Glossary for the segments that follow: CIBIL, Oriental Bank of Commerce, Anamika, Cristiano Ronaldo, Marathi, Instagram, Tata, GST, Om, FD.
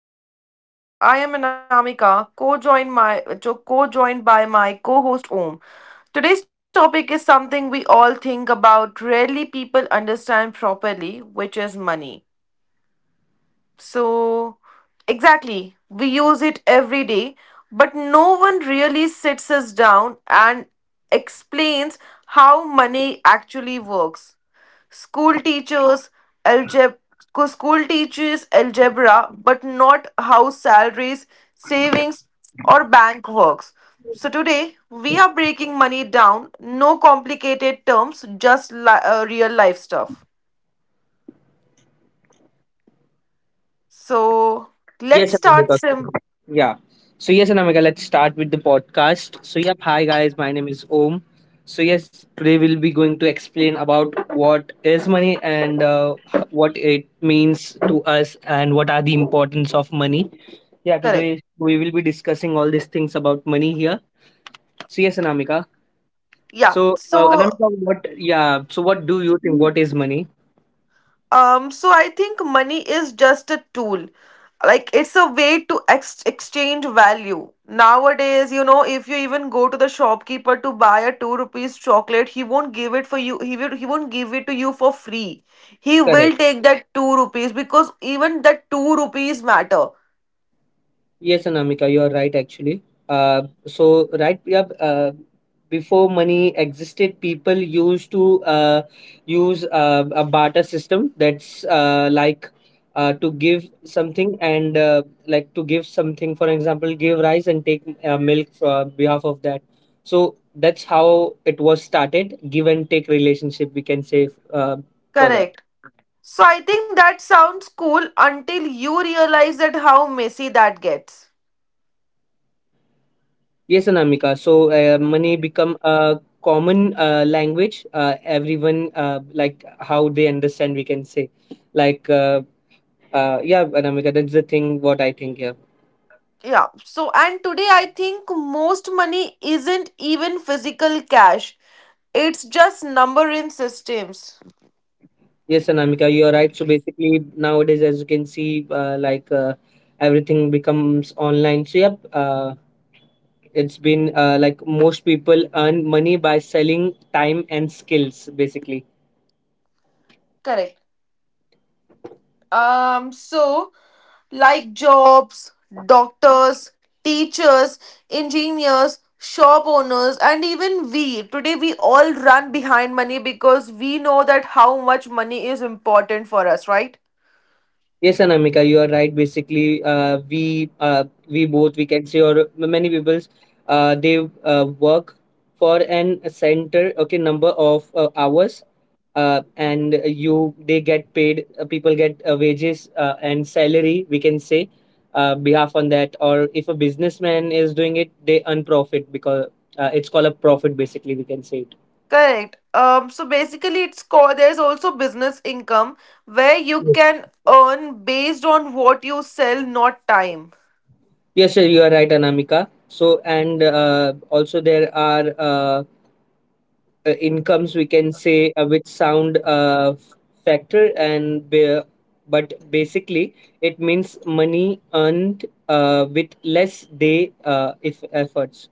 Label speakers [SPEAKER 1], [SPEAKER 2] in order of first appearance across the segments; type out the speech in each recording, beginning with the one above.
[SPEAKER 1] back to the podcast. I am Anamika, co-joined by my co-host Om. Today's topic is something we all think about rarely people understand properly, which is money. So exactly, we use it every day, but no one really sits us down and explains how money actually works. School teachers algebra School teaches algebra but not how salaries, savings or bank works. So today we are breaking money down, no complicated terms, just real life stuff. So let's
[SPEAKER 2] Yes,
[SPEAKER 1] start
[SPEAKER 2] Anamika.
[SPEAKER 1] sim
[SPEAKER 2] Yeah. So yes, Anamika, let's start with the podcast. So yeah, hi guys, my name is Om. So yes, today we'll be going to explain about what is money and what it means to us and what are the importance of money. Yeah,
[SPEAKER 1] Correct.
[SPEAKER 2] today we will be discussing all these things about money here. So yes, Anamika.
[SPEAKER 1] Yeah.
[SPEAKER 2] So
[SPEAKER 1] So
[SPEAKER 2] Anamika, what? Yeah. So what do you think? What is money?
[SPEAKER 1] Um, so I think money is just a tool. Like it's a way to exchange value. Nowadays, if you even go to the shopkeeper to buy a 2 rupees chocolate, he won't give it for you. He won't give it to you for free. He
[SPEAKER 2] Correct.
[SPEAKER 1] will take that 2 rupees because even that 2 rupees matter.
[SPEAKER 2] Yes, Anamika, you are right actually. Uh, so, right, yeah, uh, Before money existed, people used to use a barter system, that's like to give something and like to give something, for example, give rice and take milk for behalf of that. So, that's how it was started, give and take relationship, we can say for that.
[SPEAKER 1] Correct. So I think that sounds cool until you realize that how messy that gets.
[SPEAKER 2] Yes, Anamika. So, money become a common language. Everyone like how they understand. We can say, like, yeah, Anamika. That's the thing. What I think. Yeah.
[SPEAKER 1] Yeah. So, and today I think most money isn't even physical cash. It's just number in systems.
[SPEAKER 2] Yes, Anamika. You are right. So basically, nowadays, as you can see, like everything becomes online. So yep. It's been like most people earn money by selling time and skills basically.
[SPEAKER 1] Correct. Um, so like jobs, doctors, teachers, engineers, shop owners, and even we. Today we all run behind money because we know that how much money is important for us, right?
[SPEAKER 2] Yes, Anamika, you are right. Basically, we both, we can say, or many people's, they work for an center. Okay, number of hours, and you they get paid. People get wages and salary. We can say, behalf on that. Or if a businessman is doing it, they earn profit because it's called a profit. Basically, we can say it.
[SPEAKER 1] Correct. So basically, it's called. There's also business income where you can earn based on what you sell, not time.
[SPEAKER 2] Yes, sir, you are right, Anamika. So, and also there are. Incomes, we can say, with sound factor and ba- but basically it means money earned with less day if efforts.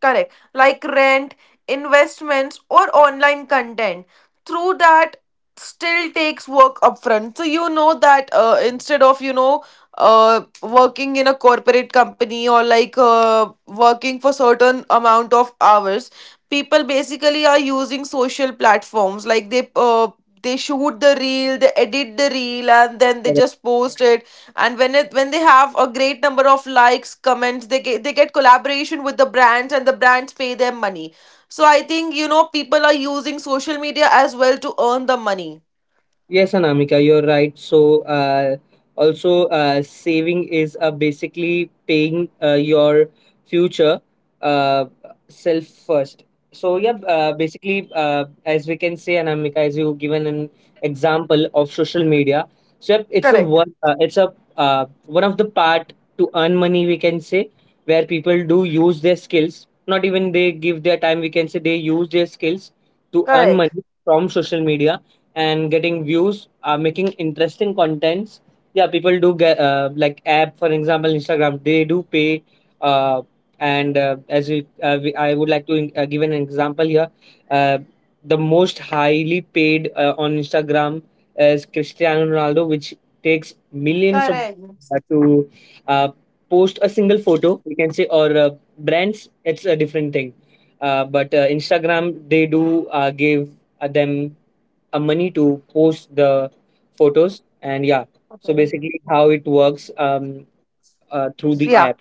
[SPEAKER 1] Correct. Like rent, investments, or online content. Through that, still takes work upfront. So you know that instead of working in a corporate company or like working for certain amount of hours people basically are using social platforms like they shoot the reel they edit the reel and then they just post it and when they have a great number of likes comments they get collaboration with the brands and the brands pay them money so I think people are using social media as well to earn the money.
[SPEAKER 2] Yes, Anamika, you're right. So, also, saving is basically paying your future uh, self first. So, yeah, basically, as we can say, Anamika, as you given an example of social media, so yep,
[SPEAKER 1] Correct.
[SPEAKER 2] it's a one of the part to earn money. We can say where people do use their skills. Not even they give their time. We can say they use their skills to earn
[SPEAKER 1] Correct.
[SPEAKER 2] money from social media and getting views, making interesting contents. Yeah, people do get like app, for example, Instagram, they do pay, uh, and as we I would like to give an example here. uh, the most highly paid on Instagram is Cristiano Ronaldo, which takes millions of
[SPEAKER 1] Correct.
[SPEAKER 2] to uh, post a single photo, we can say, or brands, it's a different thing, but Instagram, they do give them money to post the photos. And yeah, so
[SPEAKER 1] Okay.
[SPEAKER 2] basically how it works, through
[SPEAKER 1] So
[SPEAKER 2] the
[SPEAKER 1] yeah.
[SPEAKER 2] app.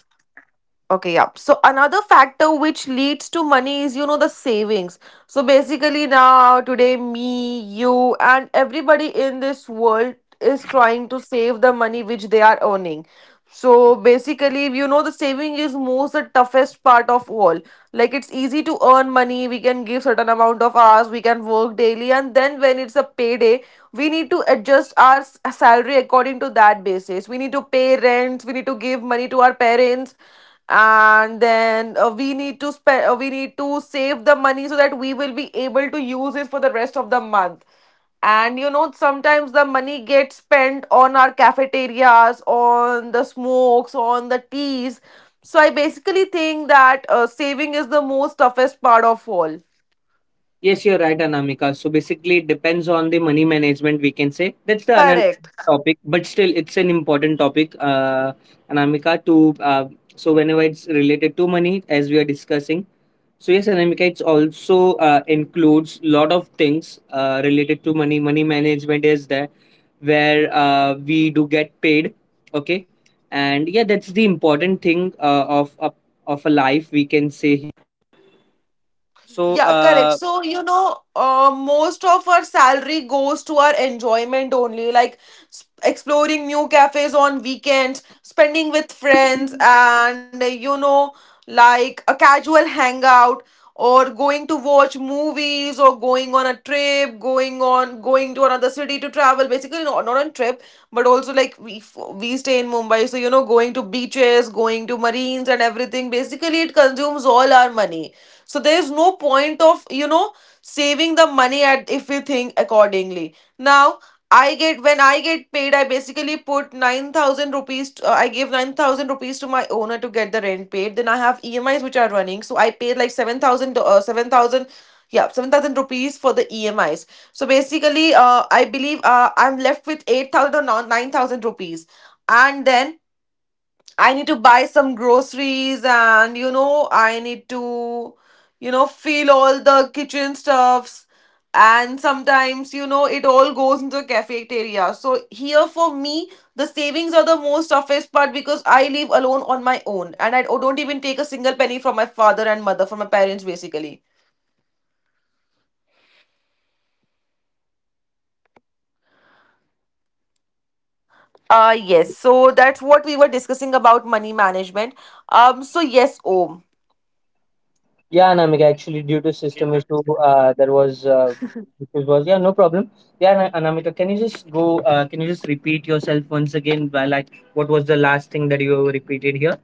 [SPEAKER 1] Okay, yeah. So another factor which leads to money is, the savings. So basically now today me, you and everybody in this world is trying to save the money which they are earning. So basically, the saving is most the toughest part of all like it's easy to earn money we can give certain amount of hours we can work daily and then when it's a payday we need to adjust our salary according to that basis we need to pay rents we need to give money to our parents and then we need to save the money so that we will be able to use it for the rest of the month and sometimes the money gets spent on our cafeterias on the smokes on the teas so I basically think that saving is the most toughest part of all.
[SPEAKER 2] Yes, you're right, Anamika. So basically, it depends on the money management, we can say. That's the another
[SPEAKER 1] Correct.
[SPEAKER 2] topic, but still, it's an important topic, Anamika, to so whenever it's related to money, as we are discussing. So yes, Anamika, it's also includes lot of things related to money. Money management is there, where we do get paid, okay, and yeah, that's the important thing of a life.
[SPEAKER 1] Yeah, correct. So, most of our salary goes to our enjoyment only, like exploring new cafes on weekends, spending with friends, and like a casual hangout or going to watch movies or going on a trip, going to another city to travel, basically not on trip, but also like we stay in Mumbai so going to beaches going to marines and everything basically it consumes all our money so there is no point of saving the money at if we think accordingly. Now I get when I get paid, I basically put 9,000 rupees. I give 9,000 rupees to my owner to get the rent paid. Then I have EMIs which are running, so I paid like seven thousand rupees for the EMIs. So basically, I believe I'm left with 8,000 or no, 9,000 rupees, and then I need to buy some groceries and I need to, feel all the kitchen stuffs. And sometimes, it all goes into the cafeteria. So here for me, the savings are the most toughest part because I live alone on my own and I don't even take a single penny from my father and mother, from my parents basically. Yes, so that's what we were discussing about money management. So yes, Om.
[SPEAKER 2] Yeah, Anamika, actually, due to system issue, there was issues was, yeah, no problem. Yeah, Anamika, can you just go? Can you just repeat yourself once again? By like, what was the last thing that you repeated here?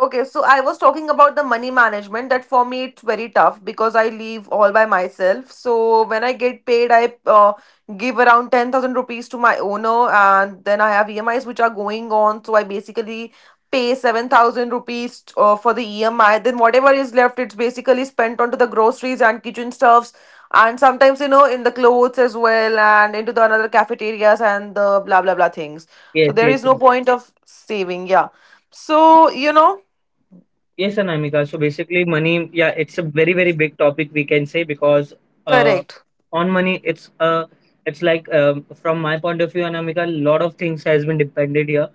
[SPEAKER 1] Okay, so I was talking about the money management that for me it's very tough because I live all by myself. So when I get paid, I give around 10,000 rupees to my owner and then I have EMIs which are going on. So I basically pay 7,000 rupees for the EMI. Then whatever is left, it's basically spent onto the groceries and kitchen stuffs and sometimes, in the clothes as well and into the another cafeterias and the blah blah blah things. So
[SPEAKER 2] Yes,
[SPEAKER 1] there
[SPEAKER 2] yes,
[SPEAKER 1] is
[SPEAKER 2] yes.
[SPEAKER 1] no point of saving, yeah. So,
[SPEAKER 2] Yes, Anamika. So basically, money. Yeah, it's a very big topic, we can say, because uh,
[SPEAKER 1] correct,
[SPEAKER 2] on money, it's it's like, from my point of view, Anamika, a lot of things has been depended here.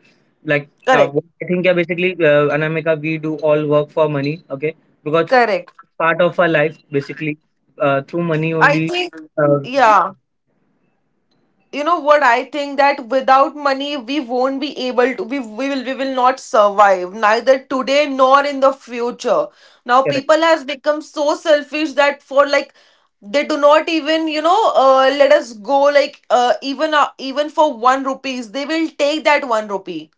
[SPEAKER 2] Like
[SPEAKER 1] correct,
[SPEAKER 2] what I think, yeah, basically, Anamika, we do all work for money. Okay, because
[SPEAKER 1] correct.
[SPEAKER 2] part of our life basically through money
[SPEAKER 1] I
[SPEAKER 2] only.
[SPEAKER 1] think,
[SPEAKER 2] uh, we-
[SPEAKER 1] yeah, you know what? I think that without money, we won't be able to, we will not survive, neither today nor in the future. Now,
[SPEAKER 2] Correct.
[SPEAKER 1] people has become so selfish that for like, they do not even, let us go like, even for 1 rupees, they will take that 1 rupee.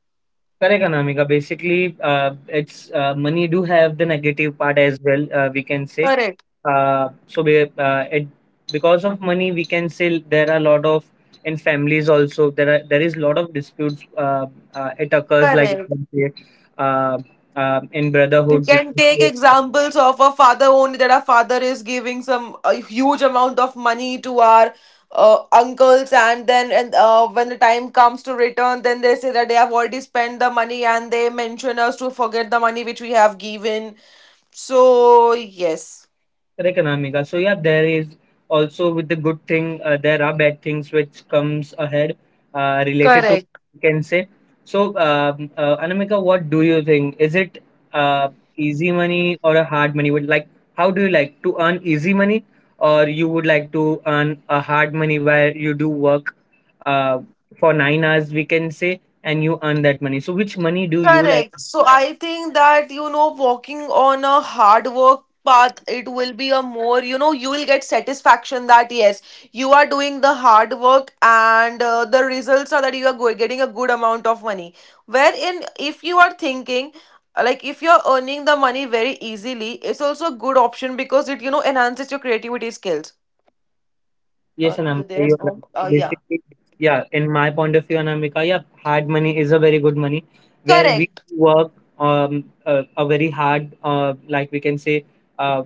[SPEAKER 2] Correct, Anamika. Basically, uh, it's money do have the negative part as well, we can say,
[SPEAKER 1] Correct,
[SPEAKER 2] uh, so we, uh, it, because of money, we can say, there are a lot of in families also, there is a lot of disputes, it occurs, like we
[SPEAKER 1] correct.
[SPEAKER 2] can say, uh, in
[SPEAKER 1] We
[SPEAKER 2] brotherhood, we
[SPEAKER 1] can
[SPEAKER 2] can
[SPEAKER 1] take
[SPEAKER 2] say.
[SPEAKER 1] examples of a father only that our father is giving some a huge amount of money to our uncles and then and when the time comes to return then they say that they have already spent the money and they mention us to forget the money which we have given so yes.
[SPEAKER 2] Correct, Anamika. So yeah, there is also with the good thing, there are bad things which comes ahead related to, you can say. So Anamika, what do you think? Is it uh, easy money or a hard money? Would like, how do you like to earn easy money, or you would like to earn a hard money, where you do work uh, for 9 hours, we can say, and you earn that money. So which money do you like?
[SPEAKER 1] Correct. So I think that, walking on a hard work path, it will be a more, you will get satisfaction that yes, you are doing the hard work and the results are that you are getting a good amount of money. Wherein, if you are thinking, like if you're earning the money very easily, it's also a good option because it, enhances your creativity skills.
[SPEAKER 2] Yes, Anamika,
[SPEAKER 1] You there?
[SPEAKER 2] you're right. So
[SPEAKER 1] Yeah.
[SPEAKER 2] basically, yeah, in my point of view, Anamika, yeah, hard money is a very good money where we
[SPEAKER 1] Correct.
[SPEAKER 2] work a very hard, like we can say, uh,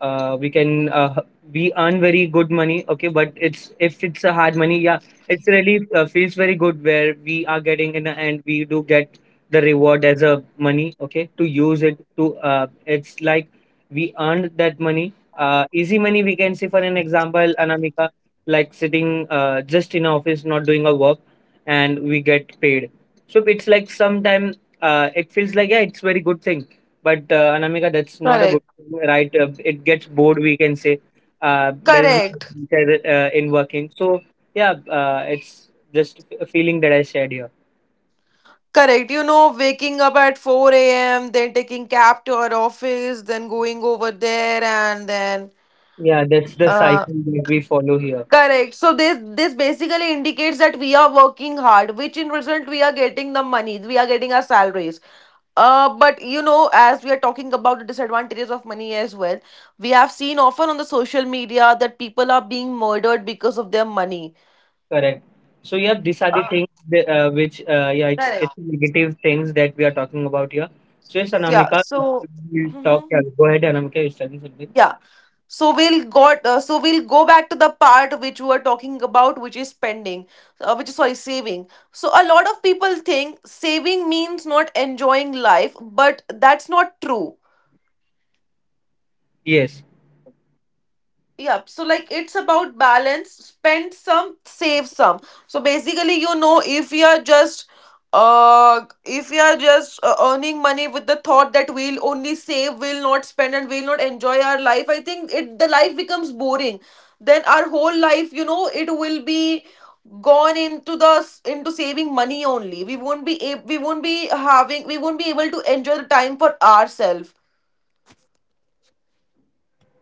[SPEAKER 2] uh, we can uh, we earn very good money, okay, but it's, if it's a hard money, yeah, it's really feels very good, where we are getting, in the end we do get the reward as a money, okay, to use it to it's like we earned that money. Easy money, we can say, for an example, Anamika, like sitting just in office, not doing a work, and we get paid. So it's like sometime it feels like, yeah, it's very good thing, but, Anamika, that's not a good
[SPEAKER 1] Correct.
[SPEAKER 2] thing, right? It gets bored, we can say. There is no
[SPEAKER 1] Correct.
[SPEAKER 2] interest, in working. So, yeah, it's just a feeling that I shared here.
[SPEAKER 1] Correct. You know, waking up at 4 a.m., then taking cab to our office, then going over there, and then
[SPEAKER 2] Yeah, that's the
[SPEAKER 1] uh,
[SPEAKER 2] cycle that we follow here.
[SPEAKER 1] correct. So this basically indicates that we are working hard, which in result we are getting the money, we are getting our salaries. But as we are talking about the disadvantages of money as well, we have seen often on the social media that people are being murdered because of their money.
[SPEAKER 2] Correct. So, yeah, these are the
[SPEAKER 1] Uh,
[SPEAKER 2] things that, yeah,
[SPEAKER 1] Correct.
[SPEAKER 2] it's negative things that we are talking about here. So, yes,
[SPEAKER 1] Yeah.
[SPEAKER 2] Anamika,
[SPEAKER 1] So.
[SPEAKER 2] we'll talk.
[SPEAKER 1] Mhm.
[SPEAKER 2] Yeah, go ahead, Anamika, you're starting something.
[SPEAKER 1] Yeah. So we'll got so we'll go back to the part which we were talking about which is spending, which is sorry saving. So a lot of people think saving means not enjoying life but that's not true.
[SPEAKER 2] Yes.
[SPEAKER 1] Yep. So like it's about balance. Spend some, save some. So basically, if we are just if we are just earning money with the thought that we'll only save we'll not spend and we'll not enjoy our life I think it the life becomes boring then our whole life it will be gone into saving money only we won't be ab- we won't be having we won't be able to enjoy the time for ourselves.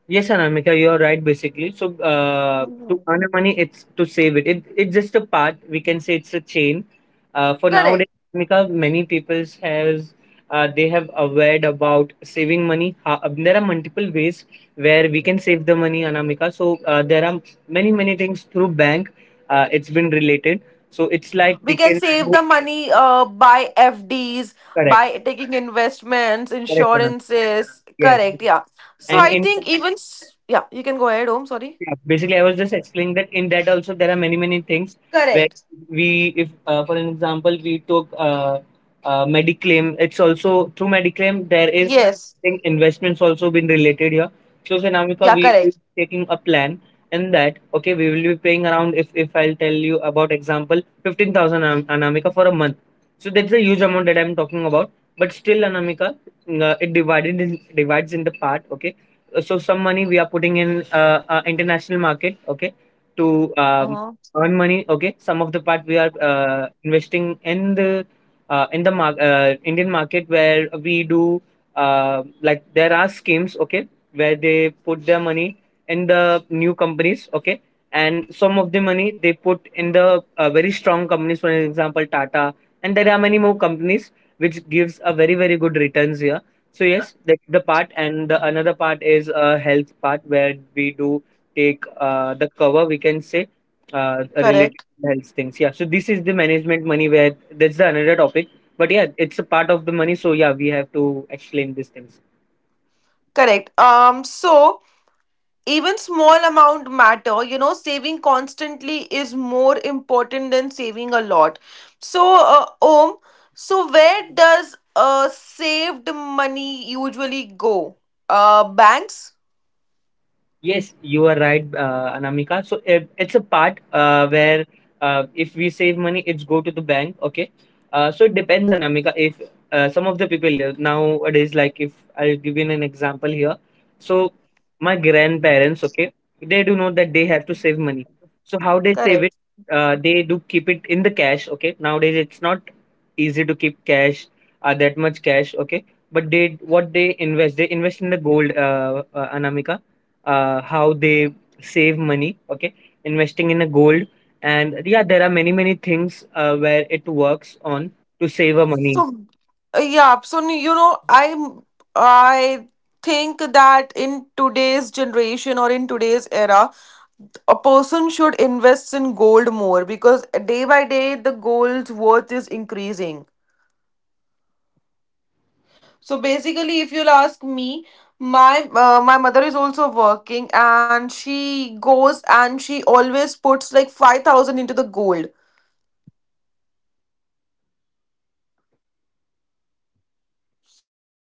[SPEAKER 2] Yes, Anamika, you are right. Basically, so to
[SPEAKER 1] Mhm.
[SPEAKER 2] earn a money, it's to save it. It's just a part. We can say it's a chain. For nowadays,
[SPEAKER 1] Correct.
[SPEAKER 2] Anamika, many peoples has they have aware about saving money. There are multiple ways where we can save the money, Anamika. So there are many things through bank. It's been related. So it's like
[SPEAKER 1] We
[SPEAKER 2] we
[SPEAKER 1] can
[SPEAKER 2] can
[SPEAKER 1] save
[SPEAKER 2] do.
[SPEAKER 1] the money by FDs,
[SPEAKER 2] Correct,
[SPEAKER 1] by taking investments,
[SPEAKER 2] correct, Anamika.
[SPEAKER 1] insurances.
[SPEAKER 2] Yes,
[SPEAKER 1] Correct. Yeah. So
[SPEAKER 2] and
[SPEAKER 1] I
[SPEAKER 2] in,
[SPEAKER 1] think even yeah, you can go ahead. Home. Sorry.
[SPEAKER 2] yeah, basically, I was just explaining that in that also there are many things where
[SPEAKER 1] Correct.
[SPEAKER 2] we, if for an example, we took Mediclaim. It's also through Mediclaim, there
[SPEAKER 1] Yes.
[SPEAKER 2] is, I think, investments also been related here. So
[SPEAKER 1] Yeah.
[SPEAKER 2] Finamica, we
[SPEAKER 1] Correct.
[SPEAKER 2] we taking a plan in that, okay, we will be paying around, if I'll tell you about example, 15,000 Anamika for a month. So that's a huge amount that I'm talking about. But still, Anamika, divides in the part. Okay, so some money we are putting in international market, okay, to
[SPEAKER 1] Uh-huh.
[SPEAKER 2] earn money, okay, some of the part we are investing in the Indian market, where we do like, there are schemes, okay, where they put their money in the new companies, okay, and some of the money they put in the very strong companies, for example Tata, and there are many more companies which gives a very good returns here. So yes, that's the part, and the another part is a health part, where we do take the cover, we can say, related
[SPEAKER 1] Correct.
[SPEAKER 2] to health things. Yeah. So this is the management money, where that's the another topic. But yeah, it's a part of the money. So yeah, we have to explain these things.
[SPEAKER 1] Correct. So even small amount matter. You know, saving constantly is more important than saving a lot. So, Om. So where does saved money usually go? Banks.
[SPEAKER 2] Yes, you are right, Anamika. So it's a part where if we save money, it's go to the bank. Okay. So it depends, Anamika. If some of the people nowadays, like, if I'll give you an example here. So my grandparents, okay, they do know that they have to save money. So how they save it?
[SPEAKER 1] Correct.
[SPEAKER 2] They do keep it in the cash. Okay. Nowadays, it's not easy to keep cash, that much cash. Okay. But they, what they invest in the gold, Anamika, how they save money, okay, investing in a gold. And yeah, there are many things where it works on to save a money.
[SPEAKER 1] So, yeah. So I think that in today's generation or in today's era, a person should invest in gold more because day by day the gold's worth is increasing. So basically, if you'll ask me, my mother is also working and she goes and she always puts like 5,000 into the gold.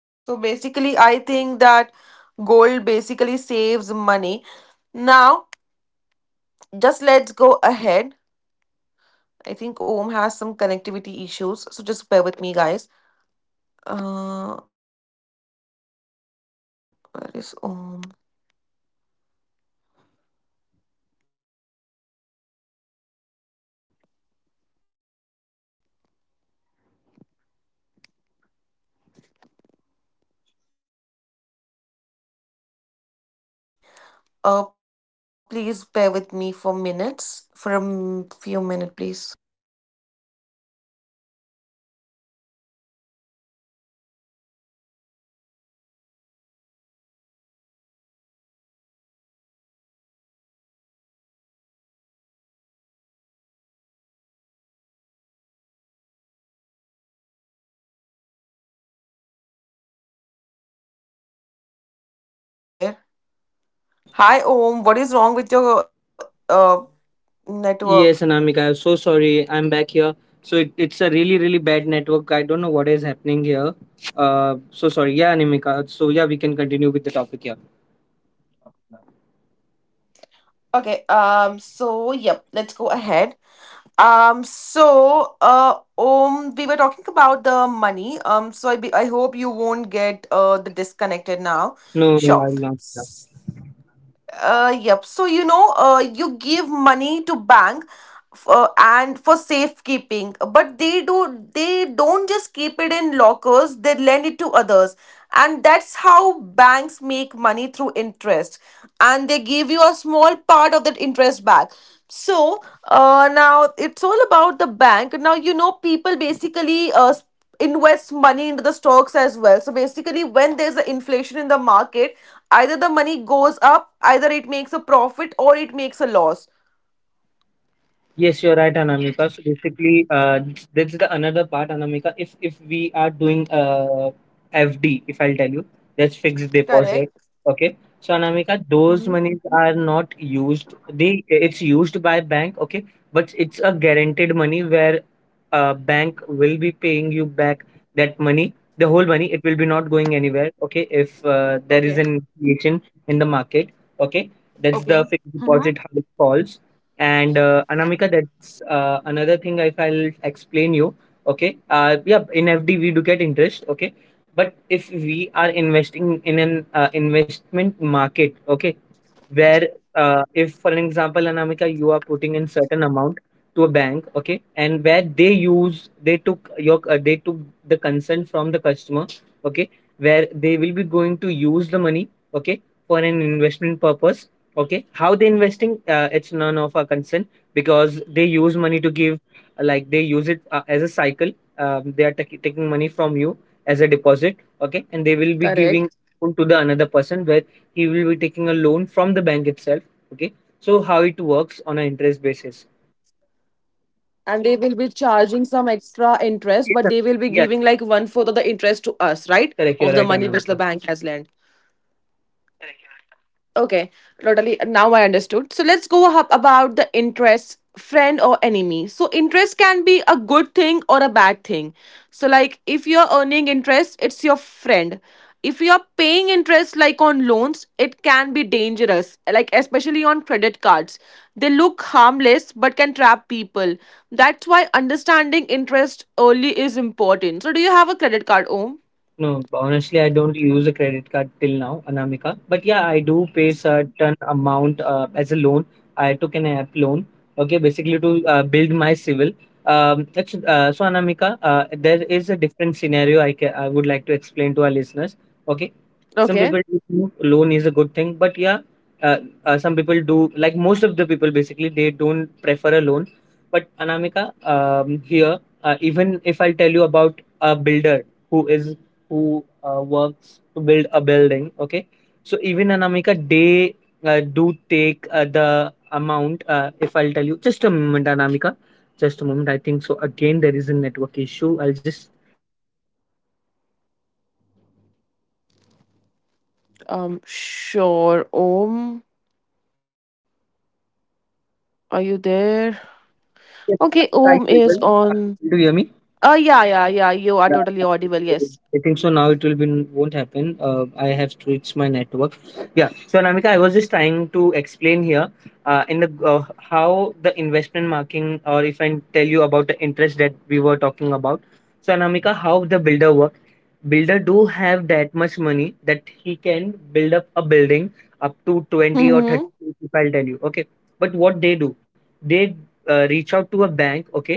[SPEAKER 1] So basically, I think that gold basically saves money now just let's go ahead. I think Om has some connectivity issues, so just bear with me, guys. Uh, where is Om? Just allow me a minute. Just allow me, guys. I'll ask Om to join quickly. Please bear with me for a few minutes. Yes, guys, Om is there. Hi, Om. What is wrong with your uh network?
[SPEAKER 2] Yes, Anamika, I'm so sorry. I'm back here. So it's a really bad network. I don't know what is happening here. So sorry. Yeah, Anamika. So yeah, we can continue with the topic here.
[SPEAKER 1] Okay. So, yep. Let's go ahead. We were talking about the money. I hope you won't get the disconnected now.
[SPEAKER 2] No, no, I'm
[SPEAKER 1] Sure.
[SPEAKER 2] not.
[SPEAKER 1] Yep. So you give money to bank and for safekeeping, but they don't just keep it in lockers. They lend it to others, and that's how banks make money through interest, and they give you a small part of that interest back. So, Now it's all about the bank. Now you know people basically invests money into the stocks as well. So basically, when there's an inflation in the market, either the money goes up, either it makes a profit or it makes a loss.
[SPEAKER 2] Yes, you're right, Anamika. So basically, that's the another part, Anamika. If we are doing FD, if I'll tell you, that's fixed deposit.
[SPEAKER 1] Correct.
[SPEAKER 2] Okay. So Anamika, those
[SPEAKER 1] Hmm.
[SPEAKER 2] monies are not used. They It's used by bank. Okay, but it's a guaranteed money where bank will be paying you back that money, the whole money. It will be not going anywhere. Okay, if there is
[SPEAKER 1] Okay.
[SPEAKER 2] an inflation in the market. Okay, that's
[SPEAKER 1] Okay.
[SPEAKER 2] the fixed
[SPEAKER 1] Mhm.
[SPEAKER 2] deposit how it falls and Anamika, that's another thing if I'll explain you. Okay. Yeah, in FD we do get interest. Okay. But if we are investing in an investment market, okay, where if for an example, anamika, you are putting in certain amount to a bank, okay, and where they use, they took your they took the consent from the customer, okay, where they will be going to use the money, okay, for an investment purpose, okay, how they investing it's none of our concern because they use money to give like they use it as a cycle. They are taking money from you as a deposit, okay, and they will be giving
[SPEAKER 1] Correct.
[SPEAKER 2] to the another person where he will be taking a loan from the bank itself. Okay. So how it works on an
[SPEAKER 1] And they
[SPEAKER 2] interest
[SPEAKER 1] will be
[SPEAKER 2] basis.
[SPEAKER 1] charging some extra interest, but they will be giving like one fourth of the interest
[SPEAKER 2] Yes,
[SPEAKER 1] to
[SPEAKER 2] sir.
[SPEAKER 1] us, right?
[SPEAKER 2] Yeah.
[SPEAKER 1] Of the money which the bank has lent.
[SPEAKER 2] Correct. You're right, Anamika.
[SPEAKER 1] Okay, totally. Now I understood. So let's go up about the interest, friend or enemy. So interest can be a good thing or a bad thing. So like if you're earning interest, it's your friend. If you're paying interest like on loans, it can be dangerous, like especially on credit cards. They look harmless but can trap people. That's why understanding interest early is important. So do you have a credit card, Om?
[SPEAKER 2] No, honestly, I don't use a credit card till now, Anamika. But yeah, I do pay certain amount as a loan. I took an app loan, okay, basically to build my civil. It's, so Anamika, there is a different scenario I would like to explain to our listeners. Okay, some
[SPEAKER 1] Okay.
[SPEAKER 2] people do think loan is a good thing, but yeah, uh, some people do like, most of the people basically, they don't prefer a loan. But Anamika, here even if I tell you about a builder who is who works to build a building, okay, so even Anamika, they do take the amount. If I'll tell you, just a moment anamika, just a moment, I think so again there is a network issue, I'll just come back. Yes,
[SPEAKER 1] Sure,
[SPEAKER 2] anamika, are you
[SPEAKER 1] Om.
[SPEAKER 2] able to hear me? Hello.
[SPEAKER 1] Are you there? Okay,
[SPEAKER 2] Yes,
[SPEAKER 1] Om
[SPEAKER 2] I'm
[SPEAKER 1] is
[SPEAKER 2] able. Do you
[SPEAKER 1] on.
[SPEAKER 2] able to hear me?
[SPEAKER 1] Oh, yeah, yeah, yeah. You are
[SPEAKER 2] Yeah,
[SPEAKER 1] totally audible. Yes.
[SPEAKER 2] I think so. Now it will be, won't happen. I have switched my network. Yeah. So Anamika, I was just trying to explain here in the how the investment marking, or if I tell you about the interest that we were talking about. So Anamika, how the builder work? Builder do have that much money that he can build up a building up to 20 or 30.
[SPEAKER 1] Mm-hmm.
[SPEAKER 2] If I'll tell you, okay. But what they do, they reach out to a bank, okay,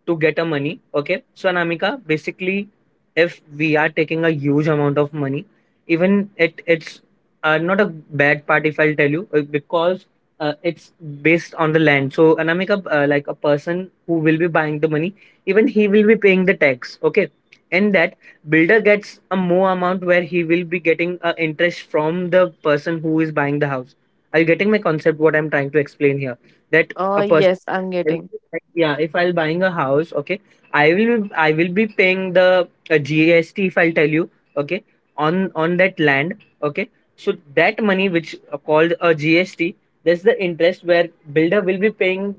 [SPEAKER 2] to get a money. Okay. So Anamika, basically, if we are taking a huge amount of money, even it's not a bad part if I'll tell you because it's based on the land. So Anamika, like a person who will be buying the money, even he will be paying the tax. Okay. And that builder gets a more amount where he will be getting interest from the person who is buying the house. Are you getting my concept? What I'm trying to explain here, that a person,
[SPEAKER 1] Yes, I'm
[SPEAKER 2] I will
[SPEAKER 1] getting
[SPEAKER 2] be like, Yeah, if I'll buying a house, okay, I will be paying the GST if I'll tell you, okay, on that land, okay. So that money which called a GST, that's the interest where builder will be paying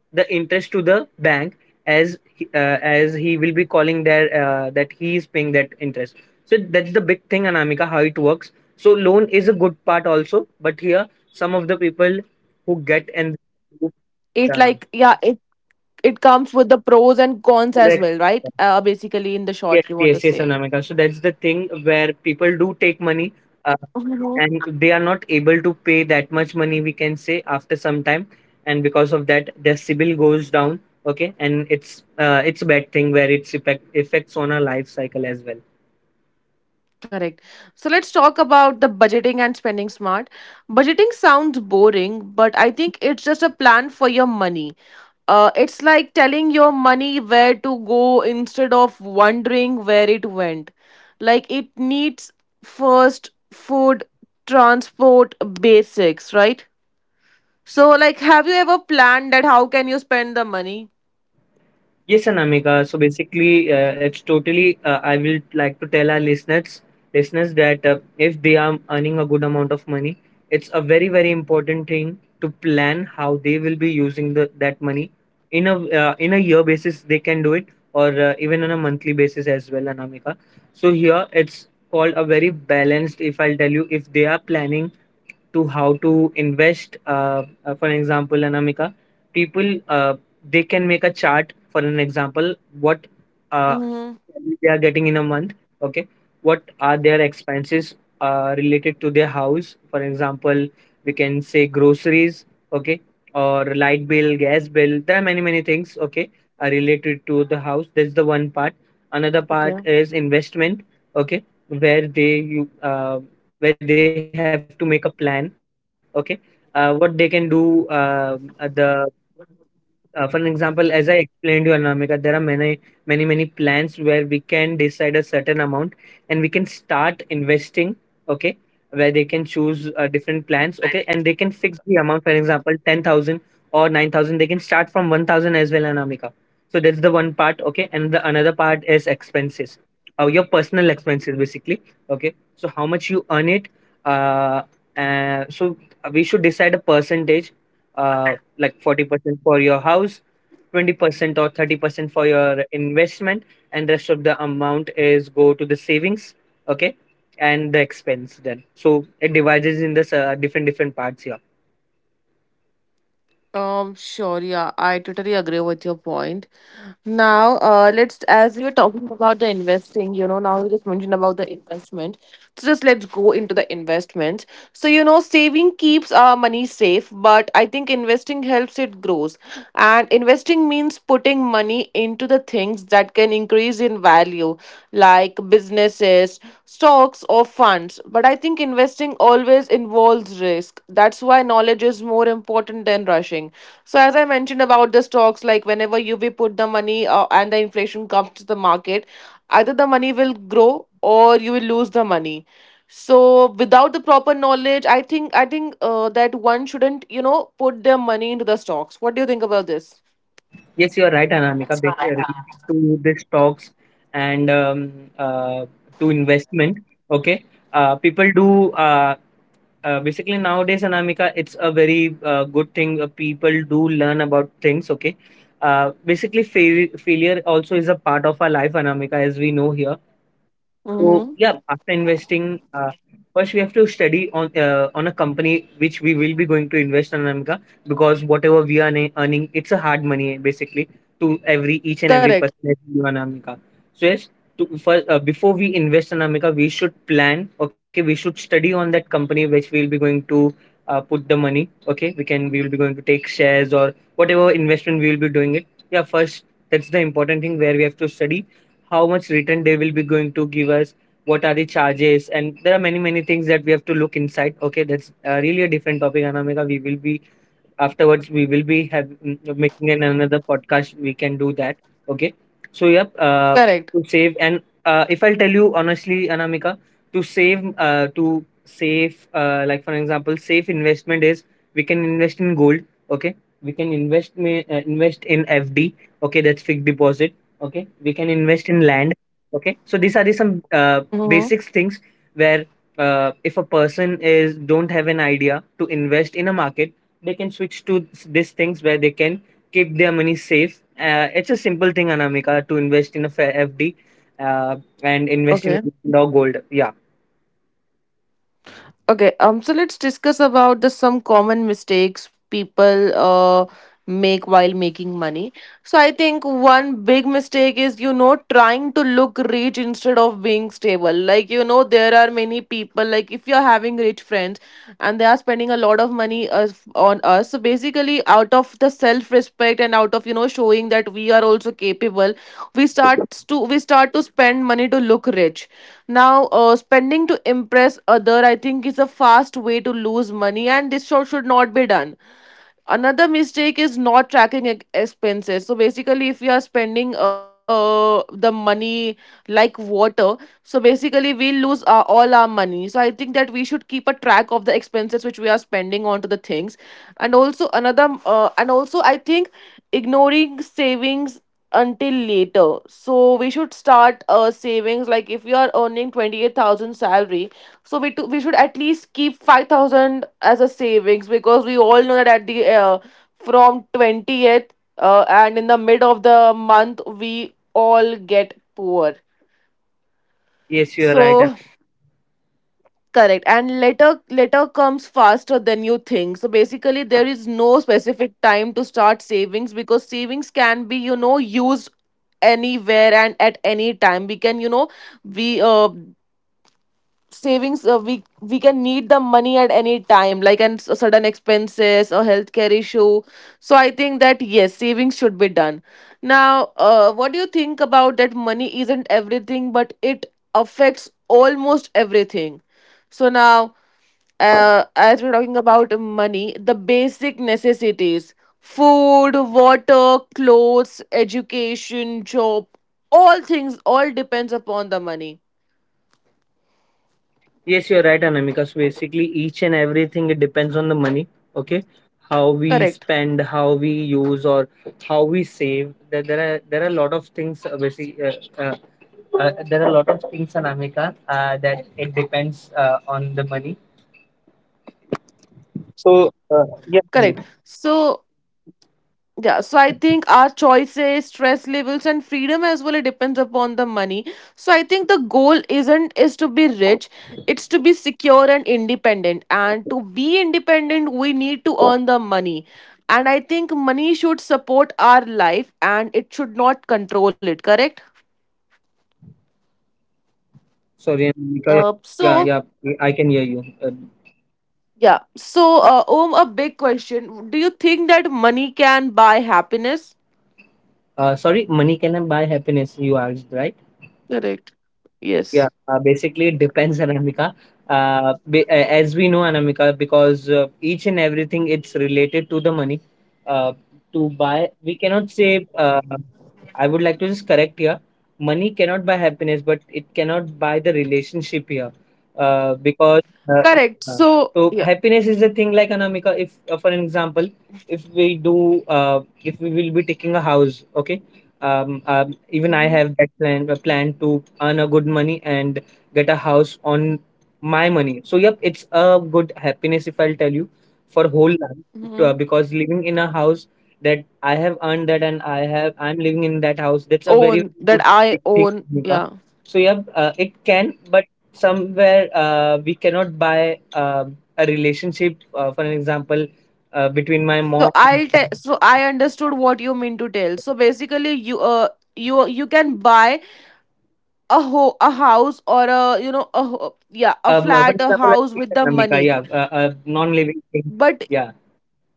[SPEAKER 2] the interest to the bank as he will be calling there that he is paying that interest. So that's the big thing, Anamika, how it works. So loan is a good part also, but here some of the people who get
[SPEAKER 1] it.
[SPEAKER 2] and,
[SPEAKER 1] Like, yeah, it comes with the pros and cons as well, right?
[SPEAKER 2] Correct.
[SPEAKER 1] Basically, in the short, you want to say.
[SPEAKER 2] Yes, yes, yes, Anamika. So that's the thing where people do take money, uh,
[SPEAKER 1] Mhm.
[SPEAKER 2] and they are not able to pay that much money, we can say, after some time, and because of that, their CIBIL goes down. Okay, and it's a bad thing where it's effect affects on our life cycle as well.
[SPEAKER 1] Correct. So let's talk about the budgeting and spending smart. Budgeting sounds boring, but I think it's just a plan for your money. It's like telling your money where to go instead of wondering where it went. Like it needs first food, transport, basics, right? So like have you ever planned that how can you spend the money?
[SPEAKER 2] Yes, Anamika. So basically, it's totally. I will like to tell our listeners, listeners that if they are earning a good amount of money, it's a very very important thing to plan how they will be using the that money. In a in a year basis, they can do it, or even on a monthly basis as well, Anamika. So here it's called a very balanced. If I'll tell you, if they are planning to how to invest, for example, Anamika, people they can make a chart, for an example, what uh,
[SPEAKER 1] Mm-hmm.
[SPEAKER 2] they are getting in a month, okay, what are their expenses related to their house. For example, we can say groceries, okay, or light bill, gas bill, there are many many things okay are related to the house. That's the one part. Another part is investment, okay, where they you where they have to make a plan, okay, what they can do. The For an example, as I explained to you, Anamika, there are many, many, many plans where we can decide a certain amount and we can start investing, okay, where they can choose different plans, okay, and they can fix the amount, for example, 10,000 or 9,000. They can start from 1,000 as well, Anamika. So that's the one part, okay, and the another part is expenses, your personal expenses, basically, okay. So how much you earn it, uh, so we should decide a percentage. uh, like 40% for your house, 20% or 30% for your investment, and rest of the amount is go to the savings, okay, and the expense then. So it divides in this different different parts here.
[SPEAKER 1] Sure, yeah, I totally agree with your point. Let's, as we were talking about the investing, you know, now we just mentioned about the investment. So just let's go into the investment. So you know, saving keeps our money safe, but I think investing helps it grows. And investing means putting money into the things that can increase in value, like businesses, stocks or funds, but I think investing always involves risk. That's why knowledge is more important than rushing. So as I mentioned about the stocks, like whenever you we put the money and the inflation comes to the market, either the money will grow or you will lose the money. So without the proper knowledge, I think that one shouldn't, you know, put their money into the stocks. What do you think about this?
[SPEAKER 2] Yes, you are right, Anamika, related to the stocks and uh, to investment, okay. People do basically nowadays anamika, it's a very good thing, people do learn about things, okay. Basically failure also is a part of our life, anamika, as we know here. So
[SPEAKER 1] Mm-hmm.
[SPEAKER 2] yeah, after investing, first we have to study on a company which we will be going to invest on, Amika, because whatever we are earning, it's a hard money basically, to every each and every
[SPEAKER 1] Correct.
[SPEAKER 2] person that we on Amika. So yes, to, first before we invest on Amika, we should plan. Okay, we should study on that company which we will be going to put the money. Okay, we will be going to take shares or whatever investment we will be doing it. Yeah, first that's the important thing where we have to study how much return they will be going to give us, what are the charges, and there are many many things that we have to look inside, okay. That's really a different topic, anamika. We will be Afterwards we will be making an another podcast, we can do that, okay. So yep,
[SPEAKER 1] Correct.
[SPEAKER 2] uh, to save. And if I'll tell you honestly, anamika, to save uh, like for example, safe investment is, we can invest in gold, okay. We can invest in fd, okay, that's fixed deposit, okay. We can invest in land,
[SPEAKER 1] Mm-hmm.
[SPEAKER 2] okay. So these are the some basics things where if a person is don't have an idea to invest in a market, they can switch to these things where they can keep their money safe. It's a simple thing, Anamika, to invest in a FD uh, and invest in
[SPEAKER 1] Okay.
[SPEAKER 2] dog gold. Yeah.
[SPEAKER 1] Okay, so let's discuss about the some common mistakes people make while making money. So I think one big mistake is, you know, trying to look rich instead of being stable. Like you know there are many people like if you're having rich friends and they are spending a lot of money on us. So basically out of the self respect and out of, you know, showing that we are also capable, we start we start to spend money to look rich now. Spending to impress other, I think, is a fast way to lose money, and this show should not be done. Another mistake is not tracking expenses. So basically, if we are spending the money like water, so basically we lose all our money. So I think that we should keep a track of the expenses which we are spending onto the things, and also another and also I think ignoring savings until later. So we should start savings. Like if you are earning 28,000 salary, so we should at least keep 5,000 as a savings, because we all know that at the from twentieth and in the mid of the month we all get poor.
[SPEAKER 2] Yes, you are right. An-
[SPEAKER 1] So correct. And letter letter comes faster than you think. So basically there is no specific time to start savings, because savings can be, you know, used anywhere and at any time. We can, you know, we savings, we can need the money at any time, like and sudden expenses or healthcare issue. So I think that yes, savings should be done. Now What do you think about that? Money isn't everything, but it affects almost everything. So now, as we're talking about money, the basic necessities, food, water, clothes, education, job, all things all depends upon the money.
[SPEAKER 2] Yes, you are right, Anamika. So basically, each and everything it depends on the money. Okay, how we
[SPEAKER 1] Correct.
[SPEAKER 2] spend, how we use, or how we save. There are, there are a lot of things. There are a lot of things, Anamika, that it depends on the money. So
[SPEAKER 1] Correct.
[SPEAKER 2] yeah.
[SPEAKER 1] So, yeah, so I think our choices, stress levels, and freedom as well, it depends upon the money. So I think the goal isn't is to be rich, it's to be secure and independent. And to be independent, we need to earn the money. And I think money should support our life and it should not control it, correct?
[SPEAKER 2] Sorry, Monica.
[SPEAKER 1] Uh,
[SPEAKER 2] Yeah,
[SPEAKER 1] so
[SPEAKER 2] yeah, yeah, I can hear you.
[SPEAKER 1] yeah. So Om, a big question. Do you think that money can buy happiness?
[SPEAKER 2] Sorry, money cannot buy happiness, you asked, right?
[SPEAKER 1] Correct.
[SPEAKER 2] Yeah,
[SPEAKER 1] Yes.
[SPEAKER 2] basically it depends, Anamika. As we know, Anamika, because each and everything it's related to the money. Uh, to buy, we cannot say. I would like to just correct here. Money cannot buy happiness, but it cannot buy the relationship here. Because uh,
[SPEAKER 1] Correct.
[SPEAKER 2] uh,
[SPEAKER 1] So
[SPEAKER 2] so
[SPEAKER 1] yeah.
[SPEAKER 2] happiness is the thing like Anamika. If for an example, if we do, if we will be taking a house, okay, even I have that plan, a plan to earn a good money and get a house on my money. So yep, it's a good happiness if I'll tell you, for whole life,
[SPEAKER 1] Mhm.
[SPEAKER 2] because living in a house that I have earned that and I'm living in that house. That's a very
[SPEAKER 1] Own that
[SPEAKER 2] good
[SPEAKER 1] I
[SPEAKER 2] big thing,
[SPEAKER 1] own.
[SPEAKER 2] Nika.
[SPEAKER 1] Yeah.
[SPEAKER 2] So yep, it can, but somewhere we cannot buy a relationship. For an example, between my
[SPEAKER 1] So
[SPEAKER 2] mom,
[SPEAKER 1] I understood what you mean to tell. So basically, you can buy a house or a, you know, yeah, a
[SPEAKER 2] For
[SPEAKER 1] flat, a
[SPEAKER 2] example,
[SPEAKER 1] house
[SPEAKER 2] like
[SPEAKER 1] with the
[SPEAKER 2] economic,
[SPEAKER 1] money,
[SPEAKER 2] yeah, non-living thing,
[SPEAKER 1] but
[SPEAKER 2] yeah.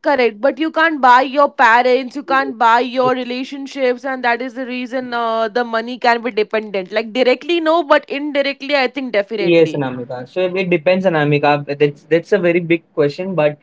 [SPEAKER 1] correct. But you can't buy your parents. You can't buy your relationships, and that is the reason the money can be dependent. Like directly, no, but indirectly, I think
[SPEAKER 2] Yes,
[SPEAKER 1] definitely.
[SPEAKER 2] Anamika. So it depends, Anamika. That's a very big question, but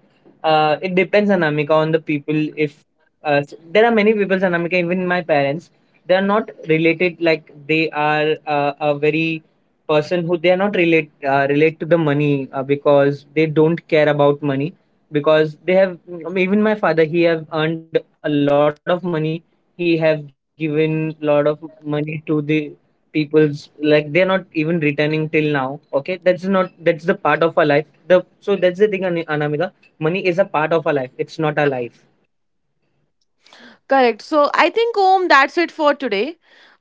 [SPEAKER 2] it depends, Anamika, on the people. If there are many people, Anamika, even my parents, they are not related. Like they are a very person who they are not relate to the money because they don't care about money, because they have, I mean, even my father, he have earned a lot of money. He have given lot of money to the people's, like they're not even returning till now, okay. That's not, that's the part of our life, the, so that's the thing, anamika, money is a part of our life, it's not our life.
[SPEAKER 1] Correct. So I think, Om, that's it for today.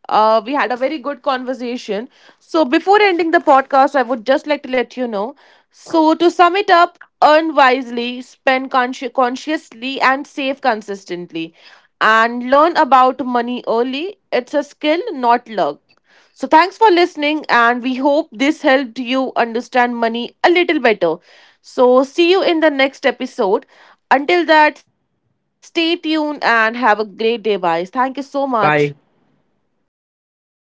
[SPEAKER 1] We had a very good conversation. So before ending the podcast, I would just like to let you know. So to sum it up, earn wisely, spend consciously, and save consistently. And learn about money early. It's a skill, not luck. So, thanks for listening, and we hope this helped you understand money a little better. So, see you in the next episode. Until that, stay tuned and have a great day, guys. Thank you so much.
[SPEAKER 2] Bye.